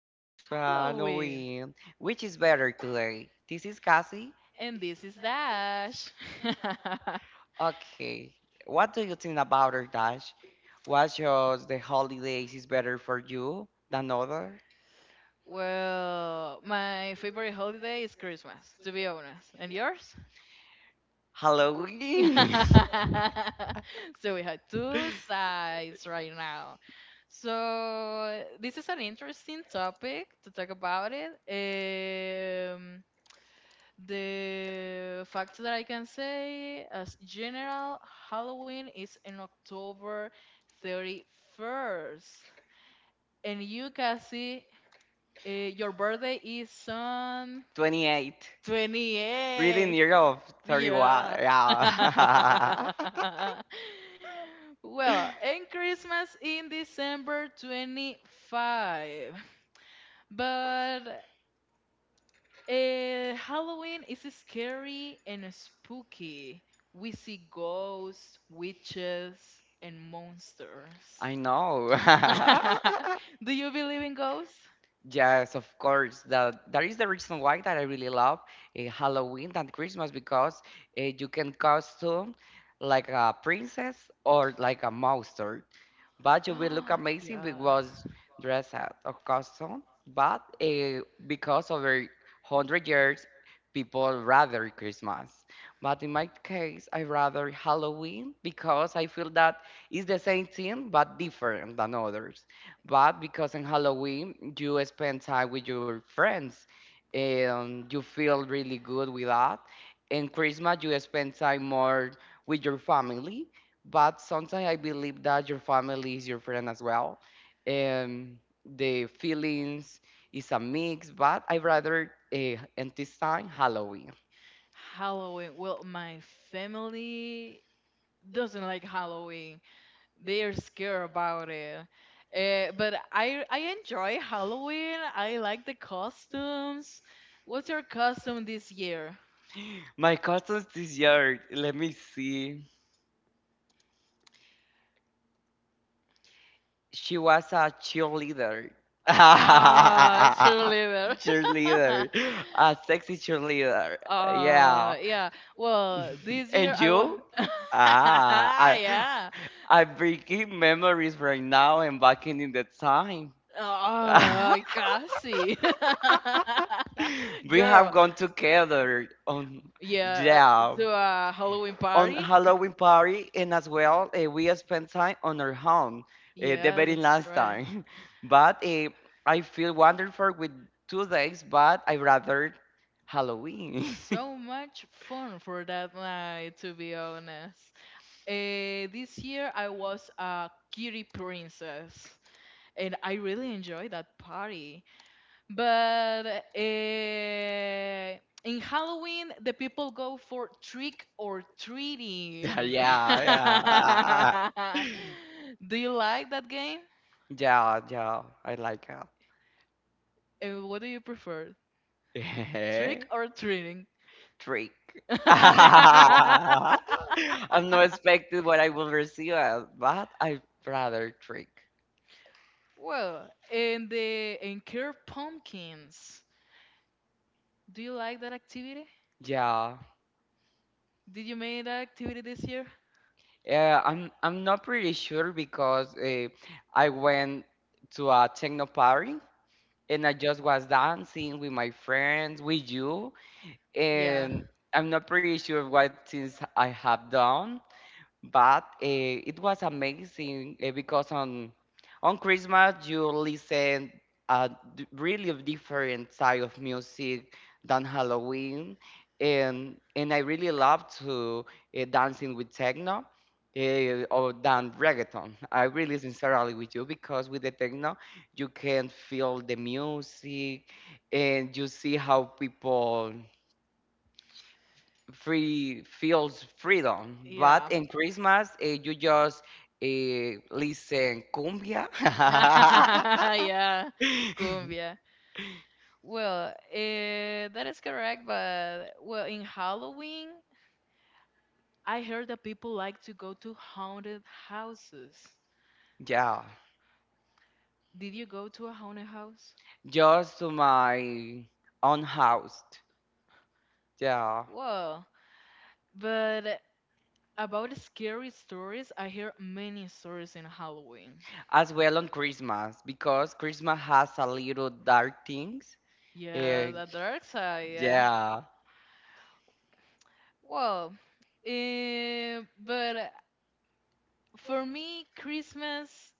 of of Halloween. Halloween. Which is better today? This is Cassie. And this is Dash. Okay. What do you think about her, Dash? What shows the holidays is better for you than other? Well, my favorite holiday is Christmas, to be honest. And yours? Halloween. So we have two sides right now. So this is an interesting topic to talk about it. The fact that I can say, as general, Halloween is in October 31st. And you, Cassie, your birthday is on 28. Really 28th. near of 31. Yeah. Yeah. Well, and Christmas in December 25. But Halloween is scary and spooky. We see ghosts, witches, and monsters. I know. Do you believe in ghosts? Yes, of course. That is the reason why that I really love Halloween and Christmas because you can costume like a princess or like a monster. But you will look Yeah. amazing because dress out of custom. But because over 100 years, people rather Christmas. But in my case, I rather Halloween because I feel that it's the same thing but different than others. But because in Halloween you spend time with your friends and you feel really good with that. In Christmas you spend time more with your family, but sometimes I believe that your family is your friend as well. And the feelings is a mix, but I rather and this time Halloween. Halloween. Well, my family doesn't like Halloween. They're scared about it. But I enjoy Halloween. I like the costumes. What's your costume this year? My cousins this year, let me see. She was a cheerleader. Ah, cheerleader. Cheerleader. A sexy cheerleader. Yeah. uh yeah. Well, this year And I was you? Ah, I, yeah. I'm bringing memories right now and back in the time. Casi. We have Girl, gone together on, yeah, yeah, to a Halloween on party. Halloween party, and as well, we spent time on our home the Yeah, very that's last right. time. But I feel wonderful with 2 days, but I rather Halloween. So much fun for that night, to be honest. This year I was a kitty princess, and I really enjoyed that party. But in Halloween, the people go for trick or Yeah, treating. yeah, Do you like that game? yeah, yeah, yeah. I like her. And what do you prefer? Yeah. Trick or treating? Trick. I'm not expecting what I will receive, but I rather trick. Well, in the in Care Pumpkins, do you like that activity? Yeah. Did you make that activity this year? Yeah, I'm not pretty sure because I went to a techno party and I just was dancing with my friends, with you. Yeah, And I'm not pretty sure what things I have done, but it was amazing because on Christmas you listen a really different side of music than Halloween, and I really love to dancing with techno. Or than reggaeton. I really sincerely with you because with the techno you can feel the music and you see how people free feels freedom. But yeah. in Christmas, you just listen cumbia. Yeah, cumbia. Well, that is correct, but well, in Halloween, I heard that people like to go to haunted houses. Yeah, Did you go to a haunted house? just to my own house. Yeah, Well, but about scary stories, I hear many stories in Halloween. as well on Christmas because Christmas has a little dark things. Yeah, Uh, the dark side, yeah. yeah, Well, but for me, Christmas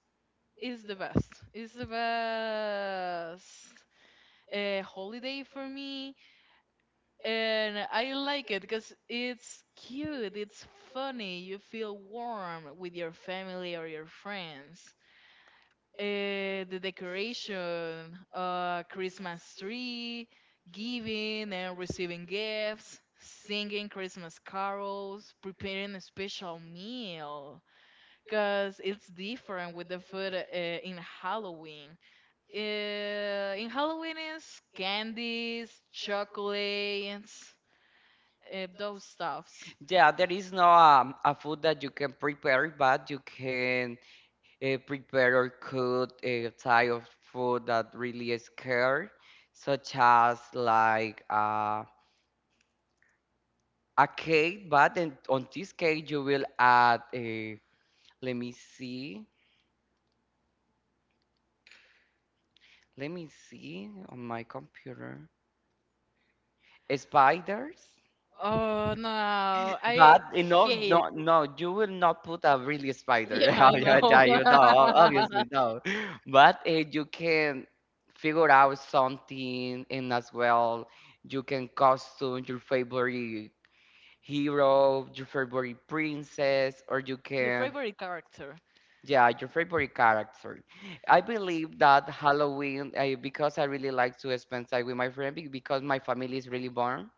is the best. It's the best holiday for me, and I like it because it's cute. It's funny. You feel warm with your family or your friends. The decoration, Christmas tree, giving and receiving gifts. Singing Christmas carols, preparing a special meal, because it's different with the food in Halloween, in Halloween is candies, chocolates, those stuffs. yeah. There is no a food that you can prepare, but you can prepare or cook a type of food that really is scared, such as like a cake. But then on this cake, you will add a let me see, let me see on my computer spiders. Oh no, I But you know, no, no, you will not put a really yeah, spider. I Oh, yeah, know. yeah, you know, obviously no. But you can figure out something, and as well, you can costume your favorite hero, your favorite princess, or you The can, favorite character. yeah, your favorite character. I believe that Halloween, because I really like to spend time with my friend, because my family is really born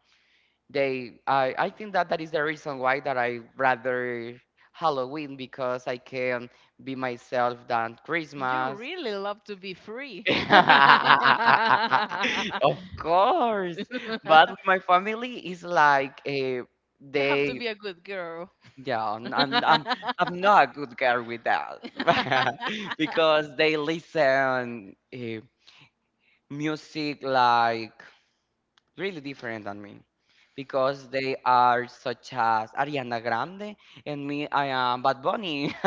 they I think that is the reason why that I rather Halloween because I can be myself than You Christmas. really love to be free. Of course, but with my family is like a You have to they be a good girl. yeah I'm, I'm I'm I'm not a good girl with that because they listen music like really different than me because they are such as Ariana Grande and me, I am Bad Bunny.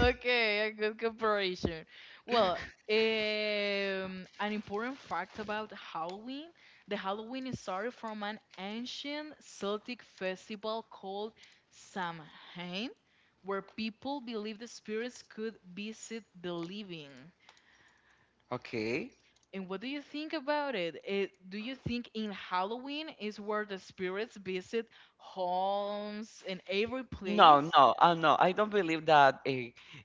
Okay, a good comparison. Well, an important fact about Halloween, the Halloween is started from an ancient Celtic festival called Samhain, where people believed the spirits could visit the living. Okay. And what do you think about it? Do you think in Halloween is where the spirits visit homes and every No, place? no, no. I don't believe that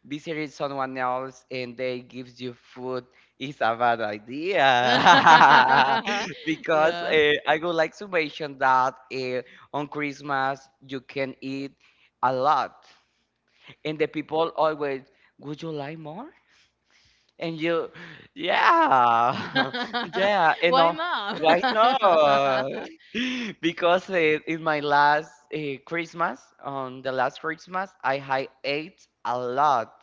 visiting someone else and they gives you food is a bad idea. Because Yeah. I would like to mention that on Christmas you can eat a lot, and the people always, would you like more? And you, yeah, yeah, and Why no, not? why not? Because in my last Christmas, on the last Christmas, I had ate a lot,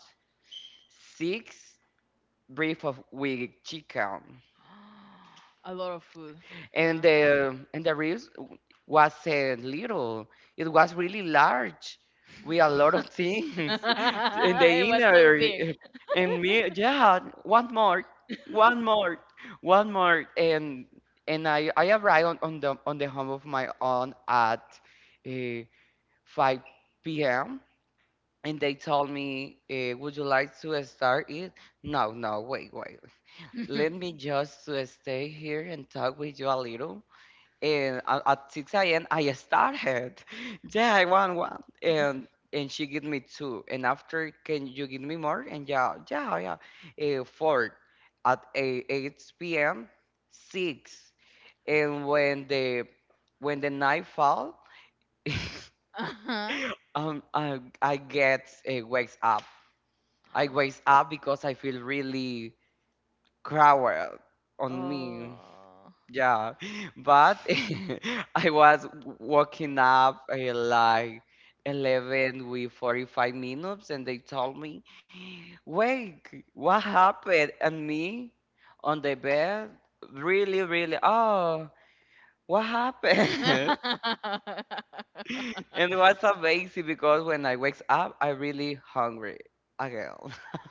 six brief of with chicken. A lot of food. And Yeah. the ribs wasn't little, it was really large with a lot of things in It the was so inner big. And me yeah one more one more one more and I arrived on the home of my aunt at uh, 5 p.m and they told me would you like to start it? No, no, wait, wait, let me just to stay here and talk with you a little, and at 6 a.m. I started. Yeah, I want one, and she give me two, and after, can you give me more? And yeah, yeah, yeah, four at eight 8 p.m. six, and when the night fall, Uh-huh. I get wakes up. I wakes up because I feel really crowded on me. Oh. Yeah, but I was waking up at like 11 with 45 minutes, and they told me, wake, what happened? And me on the bed, really, really, oh, what happened? And it was amazing because when I wakes up, I really hungry again.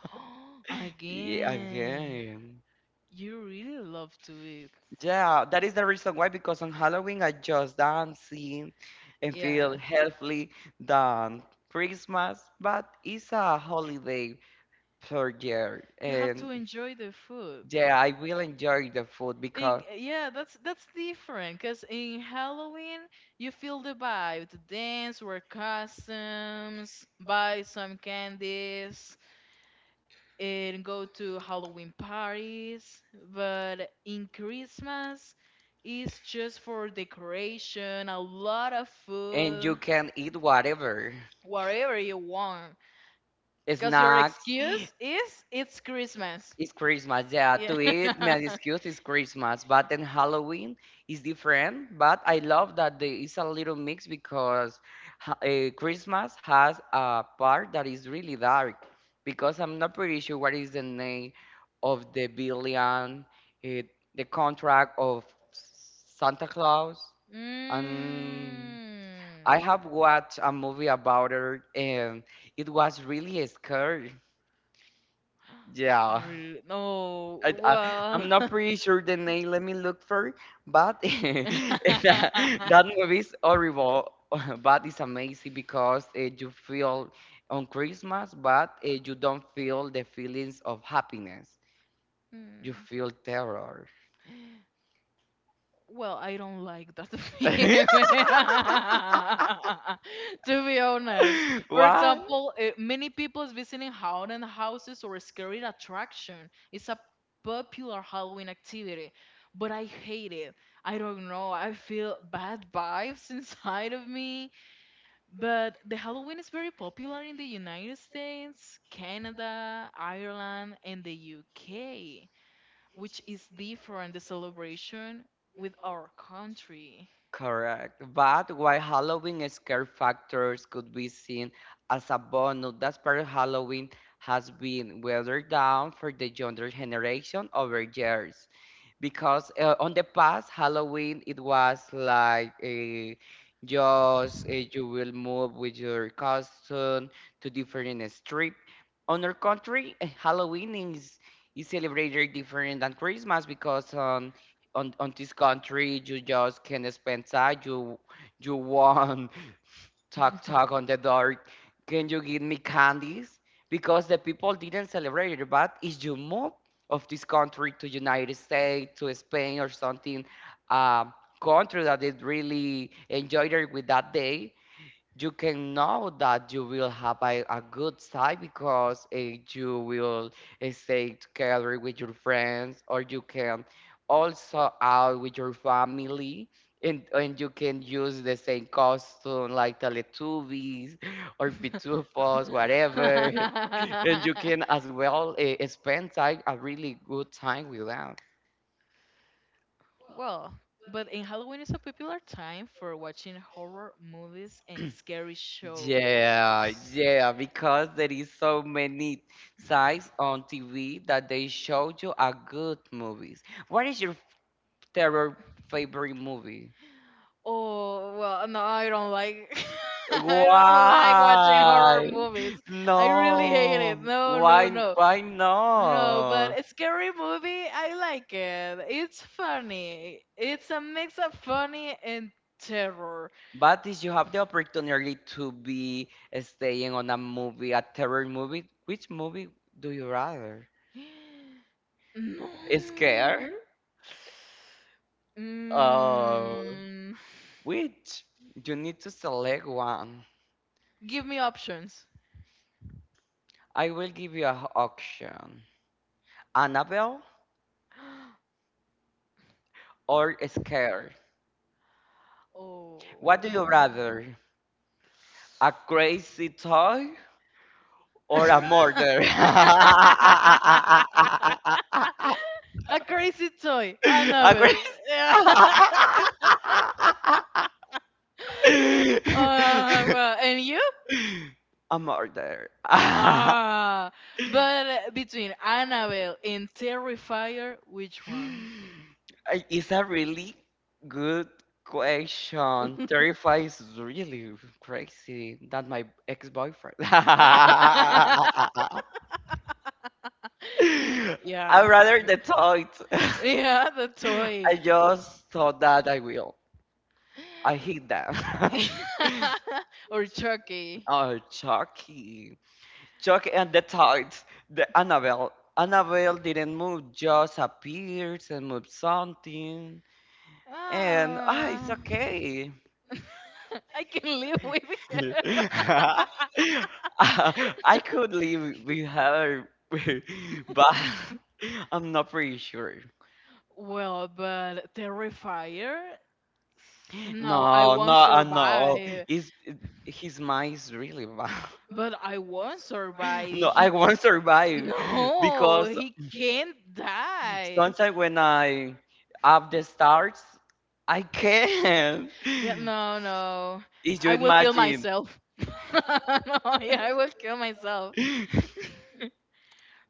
Yeah, Again, again. you really love to eat. Yeah, that is the reason why, because on Halloween I just dancing and Yeah. feel healthy than Christmas, but it's a holiday per year, You have to and enjoy the food. yeah, I will enjoy the food In, because yeah, that's different, because in Halloween you feel the vibe, to dance, wear costumes, buy some candies, and go to Halloween parties, but in Christmas, it's just for decoration, a lot of and you food, can eat whatever whatever you want. Because your snacks. excuse is it's Christmas. It's Christmas, yeah. Yeah. To it, my excuse is Christmas, but then Halloween is different. But I love that there is a little mix because Christmas has a part that is really dark. Because I'm not pretty sure what is the name of the billion, uh, the contract of Santa Claus, and I Mm. have watched a movie about it, and it was really scary. Yeah. Really? No. I, I, I'm Well. not pretty sure the name. Let me look for it. But that, that movie is horrible, but it's amazing because you feel on Christmas, but you don't feel the feelings of happiness. You Mm. feel terror. Well, I don't like that feeling. To be honest, for Why? example, many people is visiting haunted houses or scary attraction. It's a popular Halloween activity, but I hate it. I don't know. I feel bad vibes inside of me. But the Halloween is very popular in the United States, Canada, Ireland, and the UK, which is different the celebration with our country. Correct. But while Halloween scare factors could be seen as a bonus, that's part of Halloween has been watered down for the younger generation over years because on the past Halloween it was like a just you will move with your costume to different strip. On our country, Halloween is celebrated different than Christmas because on this country you just can spend time you want Talk on the door. Can you give me candies? Because the people didn't celebrate it, but if you move of this country to United States, to Spain or something, um, country that is really enjoyed it with that day, you can know that you will have a good time because you will stay together with your friends, or you can also out with your family, and, you can use the same costume like Teletubbies or Pitufos, whatever. And you can as well spend time, a really good time with them. Well, but in Halloween is a popular time for watching horror movies and scary Yeah, shows. yeah, because there is so many sites on TV that they show you a good movies. What is your terror favorite movie? Oh well, no, I don't like. I don't like watching horror Why? movies. I really hate it. No. No, no, Why no. why No, not? but a scary movie, I like it. It's funny. It's a mix of funny and terror. But if you have the opportunity to be staying on a movie, a terror movie, which movie do you rather? No. Scared? Oh. Mm, Which you need to select one. give me options. I will give you an option. Annabelle or Scared? Oh. What do you rather? A crazy toy or a A murder? crazy toy, A crazy... Annabelle. Well, and you? a murder. Ah, but between Annabelle and Terrifier, which one? It's a really good question. Terrifies is really crazy. Not my ex-boyfriend. I Yeah, rather the thought. yeah, the toy I just thought that I will. I hate that. or Chucky. Oh, Chucky. Chucky and the Tides. The Annabelle. Annabelle didn't move, just appears and moves something. And ah, it's Ah, okay. I can live with her. I could live with her, but I'm not pretty sure. Well, but Terrifier? No, I No, no, won't no. survive. Is his mind is really bad. But I won't survive. No, I He won't survive no, because he can't die. sometimes when I up the stars, I can. Yeah, no, no. If you I will kill imagine. myself. No, yeah, I will kill myself.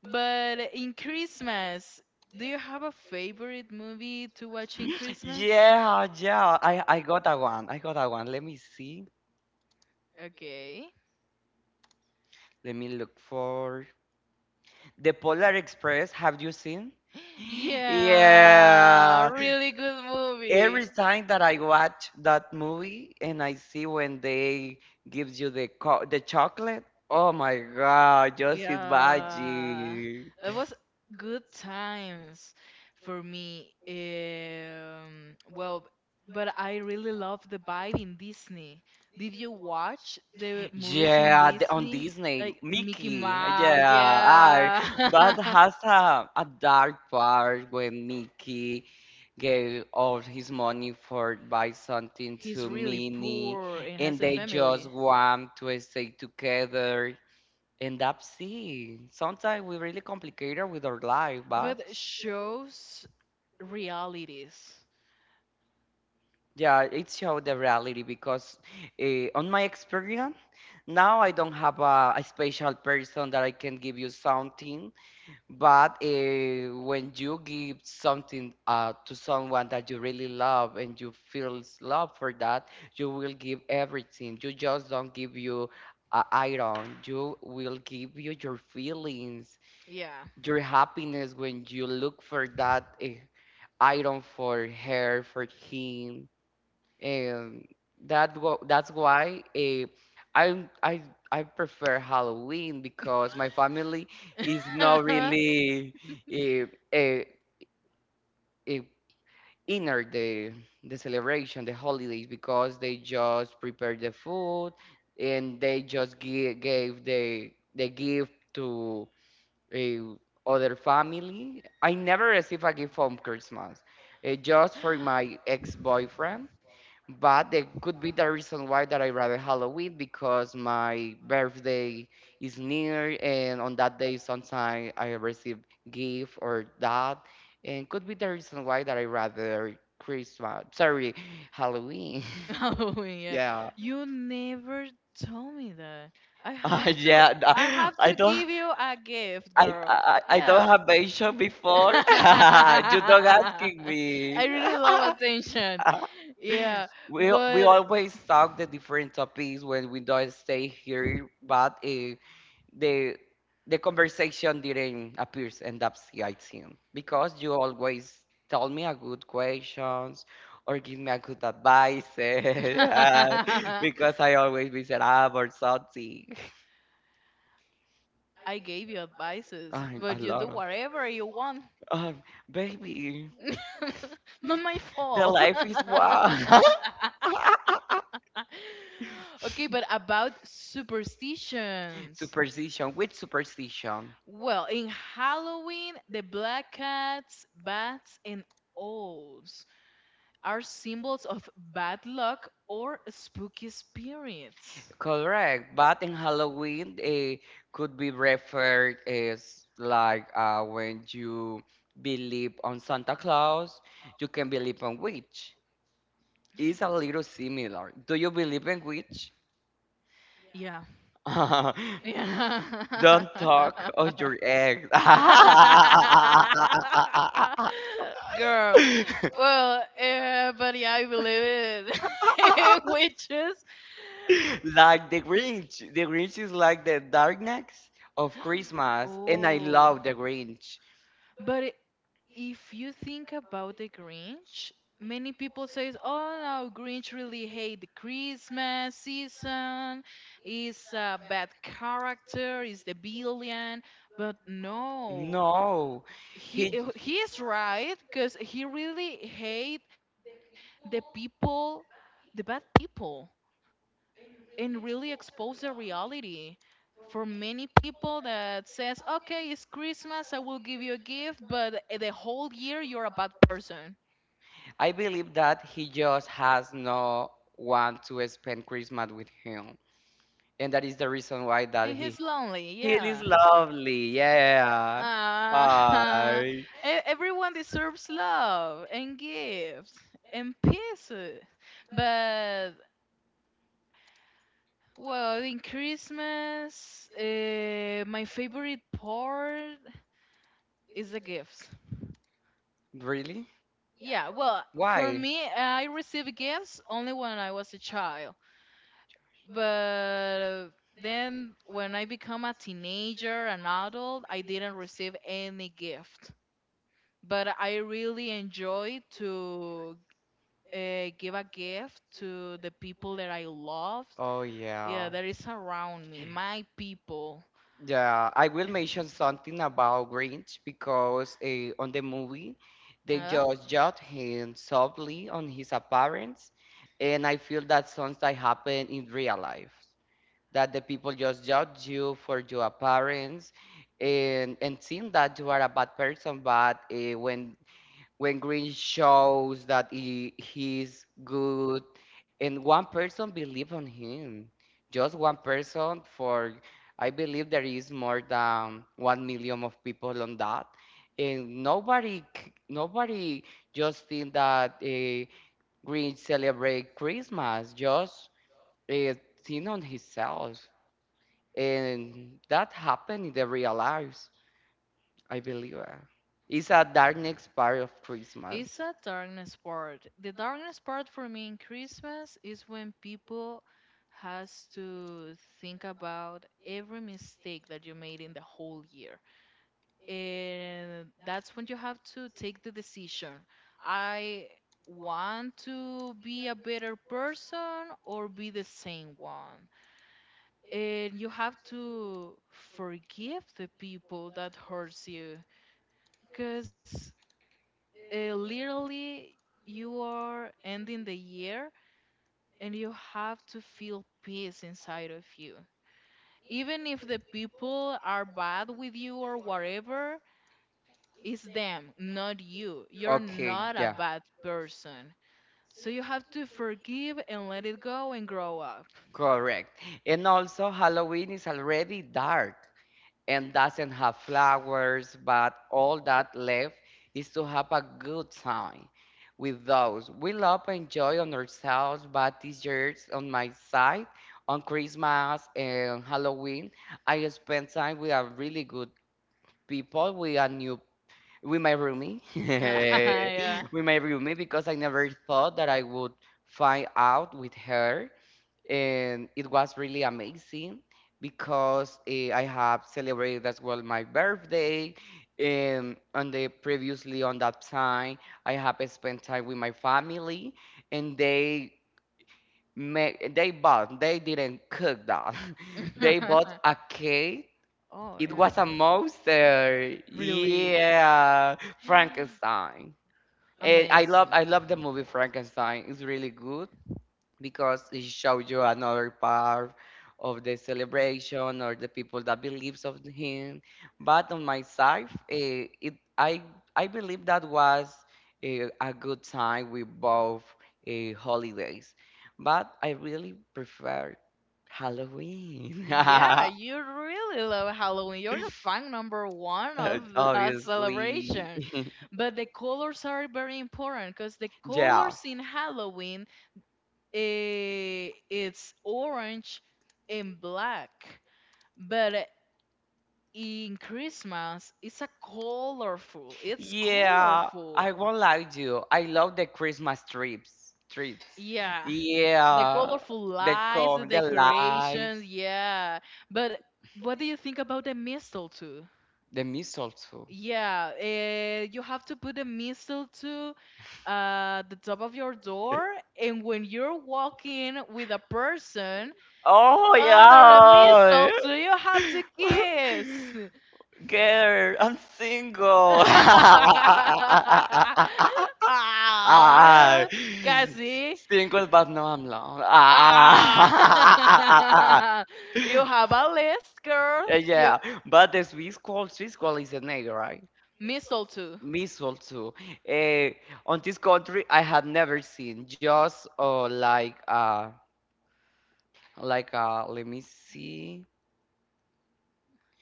But in Christmas, do you have a favorite movie to watch in Christmas? Yeah, yeah. I got a one. Let me see. Okay. Let me look for The Polar Express. Have you seen? Yeah, Yeah. really good movie. Every time that I watch that movie and I see when they gives you the co the chocolate, oh my God, just Yeah, imagine. that was good times for me. Well, but I really love the vibe in Disney. Did you watch the movies in Yeah, the, on Disney? Disney, Like Mickey Mickey. Mouse, Yeah, I. yeah. But has a dark part when Mickey gave all his money for buy something to He's really Minnie, poor and and has a they just family. want to stay together, and that's it. Sometimes we really complicated with our life, but But shows realities. yeah, it showed the reality because on my experience now I don't have a special person that I can give you something. But when you give something to someone that you really love and you feel love for that, you will give everything. You just don't give you iron. You will give you your feelings, Yeah. your happiness when you look for that iron for her, for him. Um, that's why I I I prefer Halloween because my family is not really uh, uh, uh, inner the celebration, the holidays because they just prepare the food and they just gave the gift to a other family. I never receive a gift from Christmas, just for my ex-boyfriend, but it could be the reason why that I rather Halloween because my birthday is near, and on that day sometimes I receive gift or that, and could be the reason why that I rather Christmas. Sorry, Halloween. Oh yeah. Yeah, You never told me that. I have to yeah. I I have I to don't. give you a gift, I, girl. I I don't Yeah. have mentioned before. You don't I asking me. really love attention. Yeah, We but always talk the different topics when we don't stay here, but the the conversation didn't appear and upside him because you always tell me a good questions or give me a good advice. uh, because I always miserable or something. I gave you advices, I, a but you do lot of whatever you want. um, baby, Not my the fault. life is wild. Okay, but about superstitions. Superstition, which superstition? Well, in Halloween, the black cats, bats, and owls are symbols of bad luck or spooky spirits. Correct, but in Halloween, it could be referred as like when you believe on Santa Claus, you can believe on witch. It's a little similar. Do you believe in witch? Yeah. Yeah. Don't talk on your egg. Girl, well, but yeah, I believe in witches. Like the Grinch. The Grinch is like the darkness of Christmas, and I Oh, love the Grinch. but if you think about the Grinch, many people says, "Oh no, Grinch really hate the Christmas season. Is a bad character. Is the villain." But no, No, he he. uh, he is right, because he really hate the people, the bad people, and really expose the reality for many people that says, okay, it's Christmas, I will give you a gift, but the whole year you're a bad person. I believe that he just has no one to spend Christmas with him, and that is the reason why that And he. he's lonely, He is yeah. lovely. Yeah. Uh, Bye. e- everyone deserves love and gifts and peace. But well, in Christmas, my favorite part is the gifts. Really? Yeah, well, for Why? me, I received gifts only when I was a child. But uh, then when I become a teenager, an adult, I didn't receive any gift. But I really enjoy to give a gift to the people that I love. Oh yeah. Yeah, that is around me, my people. Yeah, I will mention something about Grinch because on the movie they Yeah. just judge him softly on his appearance, and I feel that sometimes happen in real life that the people just judge you for your appearance and think that you are a bad person, but when Green shows that he's good, and one person believe on him, just one person. For I believe there is more than 1,000,000 of people on that, and nobody just think that Green celebrate Christmas. Just uh, think on himself, and that happened in the real lives. I believe it's a darkness part of It's Christmas. a darkness part. The darkness part for me in Christmas is when people has to think about every mistake that you made in the whole year. And that's when you have to take the decision. I want to be a better person or be the same one. And you have to forgive the people that hurts you, because literally you are ending the year and you have to feel peace inside of you, even if the people are bad with you or whatever. It's them, not you. You're Okay, not a yeah, bad person, so you have to forgive and let it go and grow up. correct. And also, Halloween is already dark and doesn't have flowers, but all that left is to have a good time with those. We love and joy on ourselves, but this year's on my side, on Christmas and Halloween, I spend time with a really good people, with a new with my roomie, Yeah. with my roomie because I never thought that I would find out with her, and it was really amazing because I have celebrated as well my birthday, and on the previously on that time I have spent time with my family, and they didn't cook that. They bought a cake. Oh It yeah, was a monster. really. Yeah, Frankenstein. And I love Amazing. I love the movie Frankenstein. It's really good because it shows you another part of the celebration or the people that believes of him. But on my side, eh, it I believe that was a good time with both holidays. But I really prefer Halloween, Yeah, you really love Halloween. You're the fan number one of that obviously. celebration. But the colors are very important, because the Yeah. colors in Halloween, it's orange and black. But in Christmas, it's a colorful. It's Yeah, colorful. I won't lie to you. I love the Christmas treats. Yeah. The Yeah, colorful lights, the the lights, decorations, yeah. But what do you think about the mistletoe? the mistletoe. Yeah, you have to put the mistletoe the top of your door, and when you're walking with a person Oh under the yeah, mistletoe, you have to kiss. girl, I'm single. Ah, Ah, casi. single, but no, I'm alone. Ah, Ah, you have a list, girl. Uh, You yeah, but the Swiss call is a name, right? mistletoe. Missile too. Uh, on this country, I had never seen, just like let me see,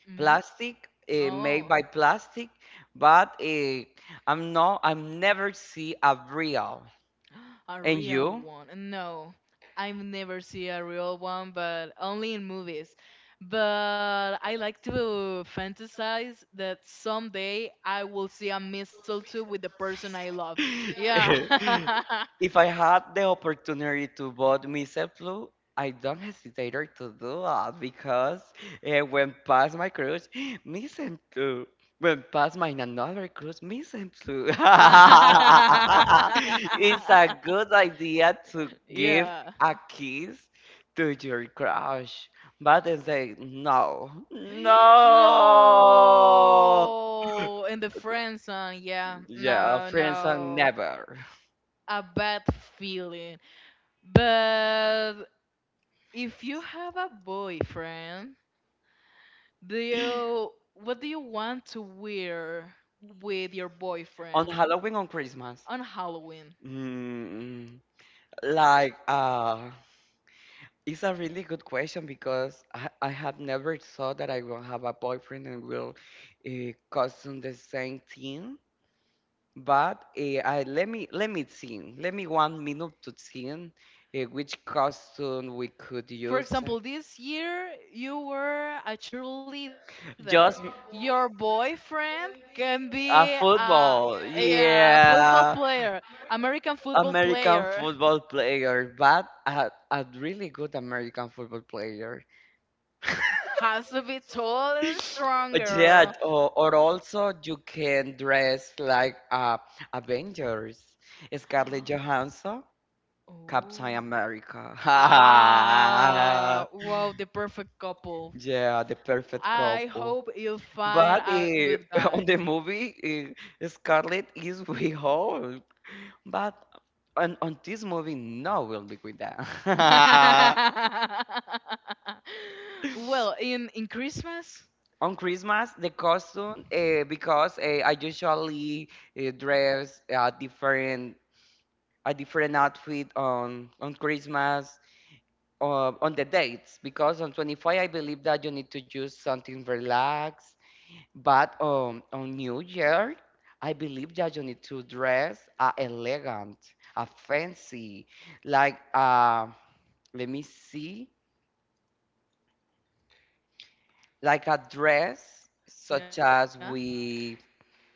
Hmm. plastic made Oh, by plastic, but I'm never see a real. a And real you? one. No, I've never seen a real one, but only in movies. But I like to fantasize that someday I will see a mistletoe with the person I love. Yeah. If I had the opportunity to vote Mr. Blue, I don't hesitate to do it because when past my crush, Mr. Blue. When past mine another crush, Mr. Blue. It's a good idea to give Yeah. a kiss to your crush, but they say no, no. No, in the friend zone, yeah. Yeah, No, friends are no. never. A bad feeling. But if you have a boyfriend, do you what do you want to wear with your On boyfriend Halloween, on Christmas. on Halloween? Mm, like, it's a really good question because I have never thought that I will have a boyfriend and will costume the same thing. But I let me think. Let me 1 minute to think which costume we could For use. example, this year you were a cheerleader. Just Your boyfriend can be a a football, yeah, football yeah. player, American football American player. football player, but a really good American football player. Has to be tall and stronger. Yeah, or also you can dress like Avengers, Scarlett Johansson, Oh. Captain America. Ah, wow, the perfect couple. Yeah, the perfect I couple. hope you find But a good on guy. the movie, Scarlett is way old. But on this movie, no will be with that. Well, in Christmas, On Christmas, the costume, because I usually dress a different outfit on Christmas on the dates because on 25 I believe that you need to use something relaxed. But on New Year, I believe that you need to dress elegant, a fancy, like let me see, like a dress yeah. such as we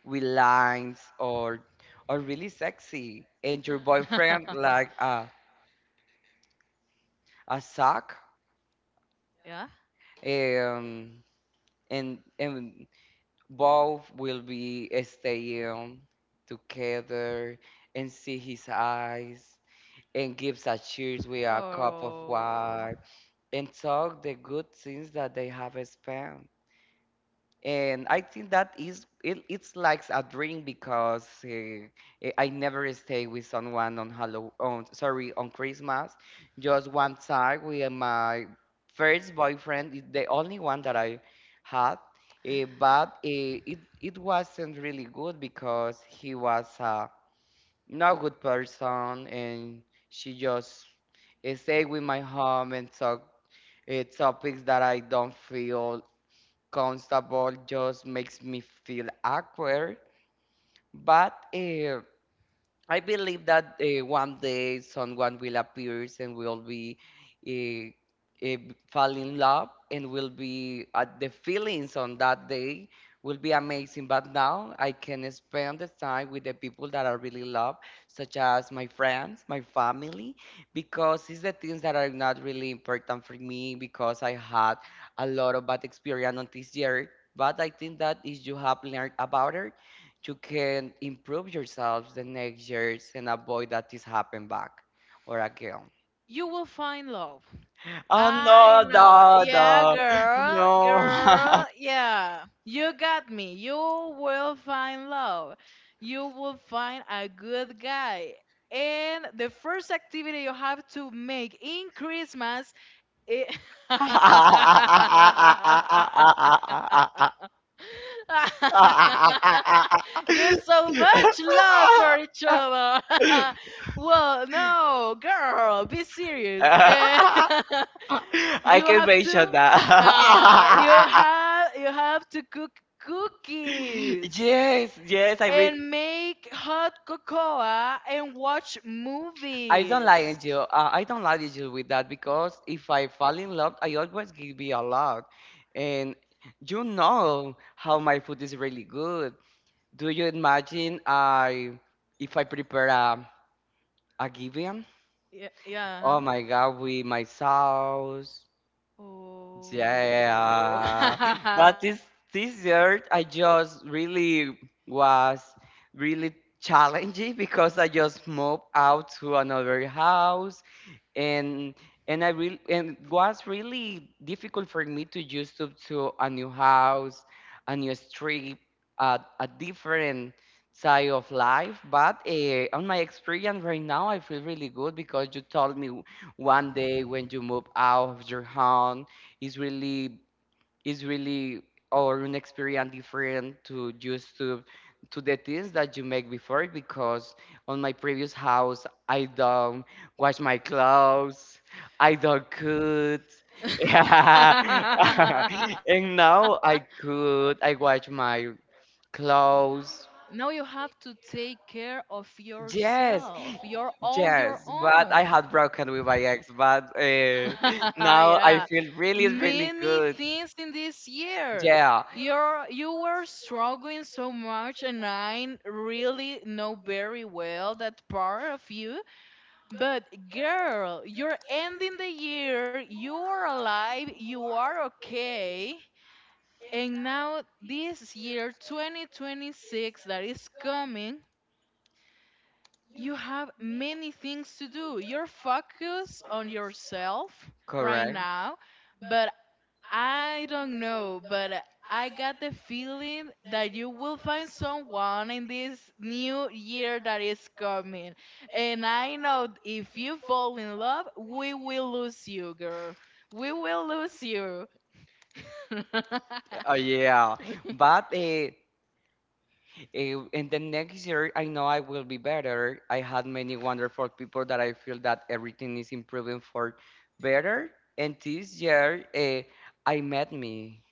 we lines or really sexy, and your boyfriend like a sock, Yeah. um and both will be staying together and see his eyes and gives a cheers with a cup of Oh. wine and talk the good things that they have spent. And I think that is it's like a dream because I never stay with someone on Halloween, on, sorry, on Christmas. Just one time with my first boyfriend, is the only one that I had. But it wasn't really good because he was a not good person, and she just stayed with my home and talk topics that I don't feel Constable, just makes me feel awkward, but I believe that one day someone will appear and will be uh, uh, fall in love and will be the feelings on that day will be amazing. But now I can spend the time with the people that I really love, such as my friends, my family, because it's the things that are not really important for me because I had a lot of bad experience on this year. But I think that if you have learned about it, you can improve yourselves the next years and avoid that this happen back or again. You will find love. Oh I no, know. no, Yeah, no, girl, no. girl. Yeah. You got me. You will find love. You will find a good guy. And the first activity you have to make in Christmas is give so much love for each other. Well, no, girl, be serious. And I you can have mention to that. Cook cookies Yes, yes, I read. and make hot cocoa and watch I don't movies. like you. I don't like you with that because if I fall in love, I always give you a lot. And you know how my food is really good. Do you imagine I if I prepare a gibbon? Yeah, yeah. Oh my God, with my sauce. Oh. Yeah. But this dessert, I just really was really challenging because I just moved out to another house, and and I really and it was really difficult for me to use to a new house, a new street, a different side of life. But on my experience right now, I feel really good because you told me one day when you move out of your home, it's really or an experience different to just to the things that you make before because on my previous house I don't wash my clothes, I don't cook. And now I cook, I wash my Now you clothes. have to take care of yourself, Yes, your own, your yes, own. but I had broken with my ex, but now Yeah, I feel really, really many good. things in this year. Yeah, You were struggling so much, and I really know very well that part of you. But girl, you're ending the year. You are alive. You are okay. And now, this year 2026 that is coming, you have many things to do. You're focused on yourself right correct. now, but I don't know, but I got the feeling that you will find someone in this new year that is coming. And I know if you fall in love, we will lose you, girl. We will lose you. Oh yeah, but in the next year, I know I will be better. I had many wonderful people that I feel that everything is improving for better. And this year, I met me.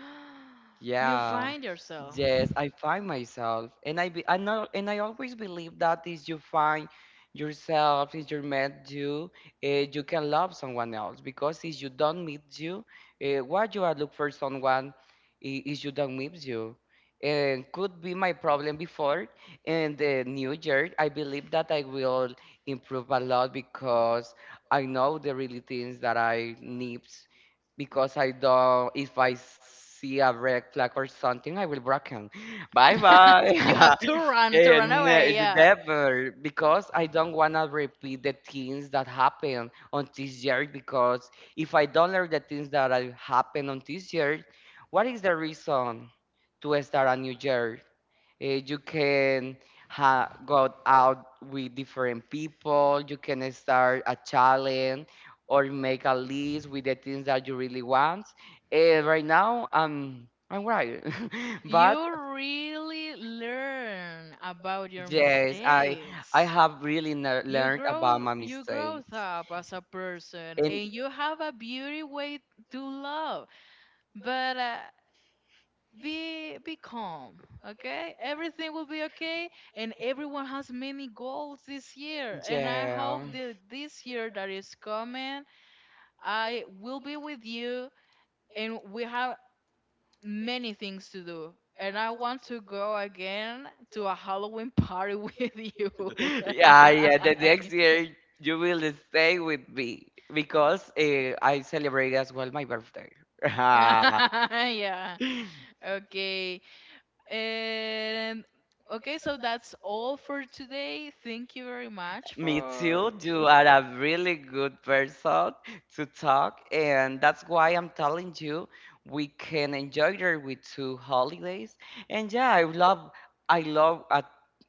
You Yeah. find yourself. Yes, I find myself, and I know, and I always believe that is you find yourself, is you met you, uh, you can love someone else because if you don't meet you, why you are look for someone is you don't meet you, and could be my problem before. And the new year, I believe that I will improve a lot because I know the really things that I need because I don't, if I see a red flag or something, I will block him. Bye bye. You have to run, to run and away. uh, Yeah. never, because I don't want to repeat the things that happen on this year. Because if I don't learn the things that have happened on this year, what is the reason to start a new year? You can ha go out with different people. You can start a challenge or make a list with the things that you really want. And right now, I'm right. But You really learn about your yes, I mistakes. have really You learned about grow my you mistakes. growth up as a person, And and you have a beauty way to love. But be calm, okay? Everything will be okay, and everyone has many goals this year, and I hope yeah. that this year that is coming, I will be with you, and we have many things to do, and I want to go again to a Halloween party with you. Yeah, yeah. The next year you will stay with me because I celebrate as well my birthday. Yeah, okay. And okay, so that's all for today. Thank you very much Me for too. You are a really good person to talk, and that's why I'm telling you we can enjoy there with two holidays. And yeah, I love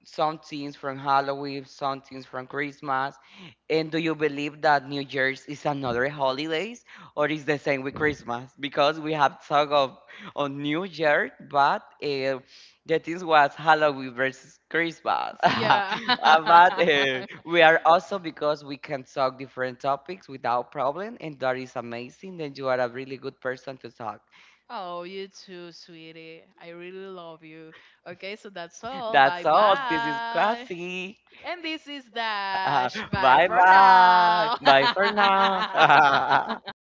some things from Halloween, some things from Christmas. And do you believe that New Year's is another holidays, or is the same with Christmas? Because we have talk of on New Year, but the theme was Halloween versus Christmas. yeah. But we are also because we can talk different topics without problem, and that is amazing. Then you are a really good person to talk. Oh, you too, sweetie. I really love you. Okay, so that's all. That's Bye all. This is bye. Quasi. And this is Dash. Bye Bye for bye. now. Bye for now.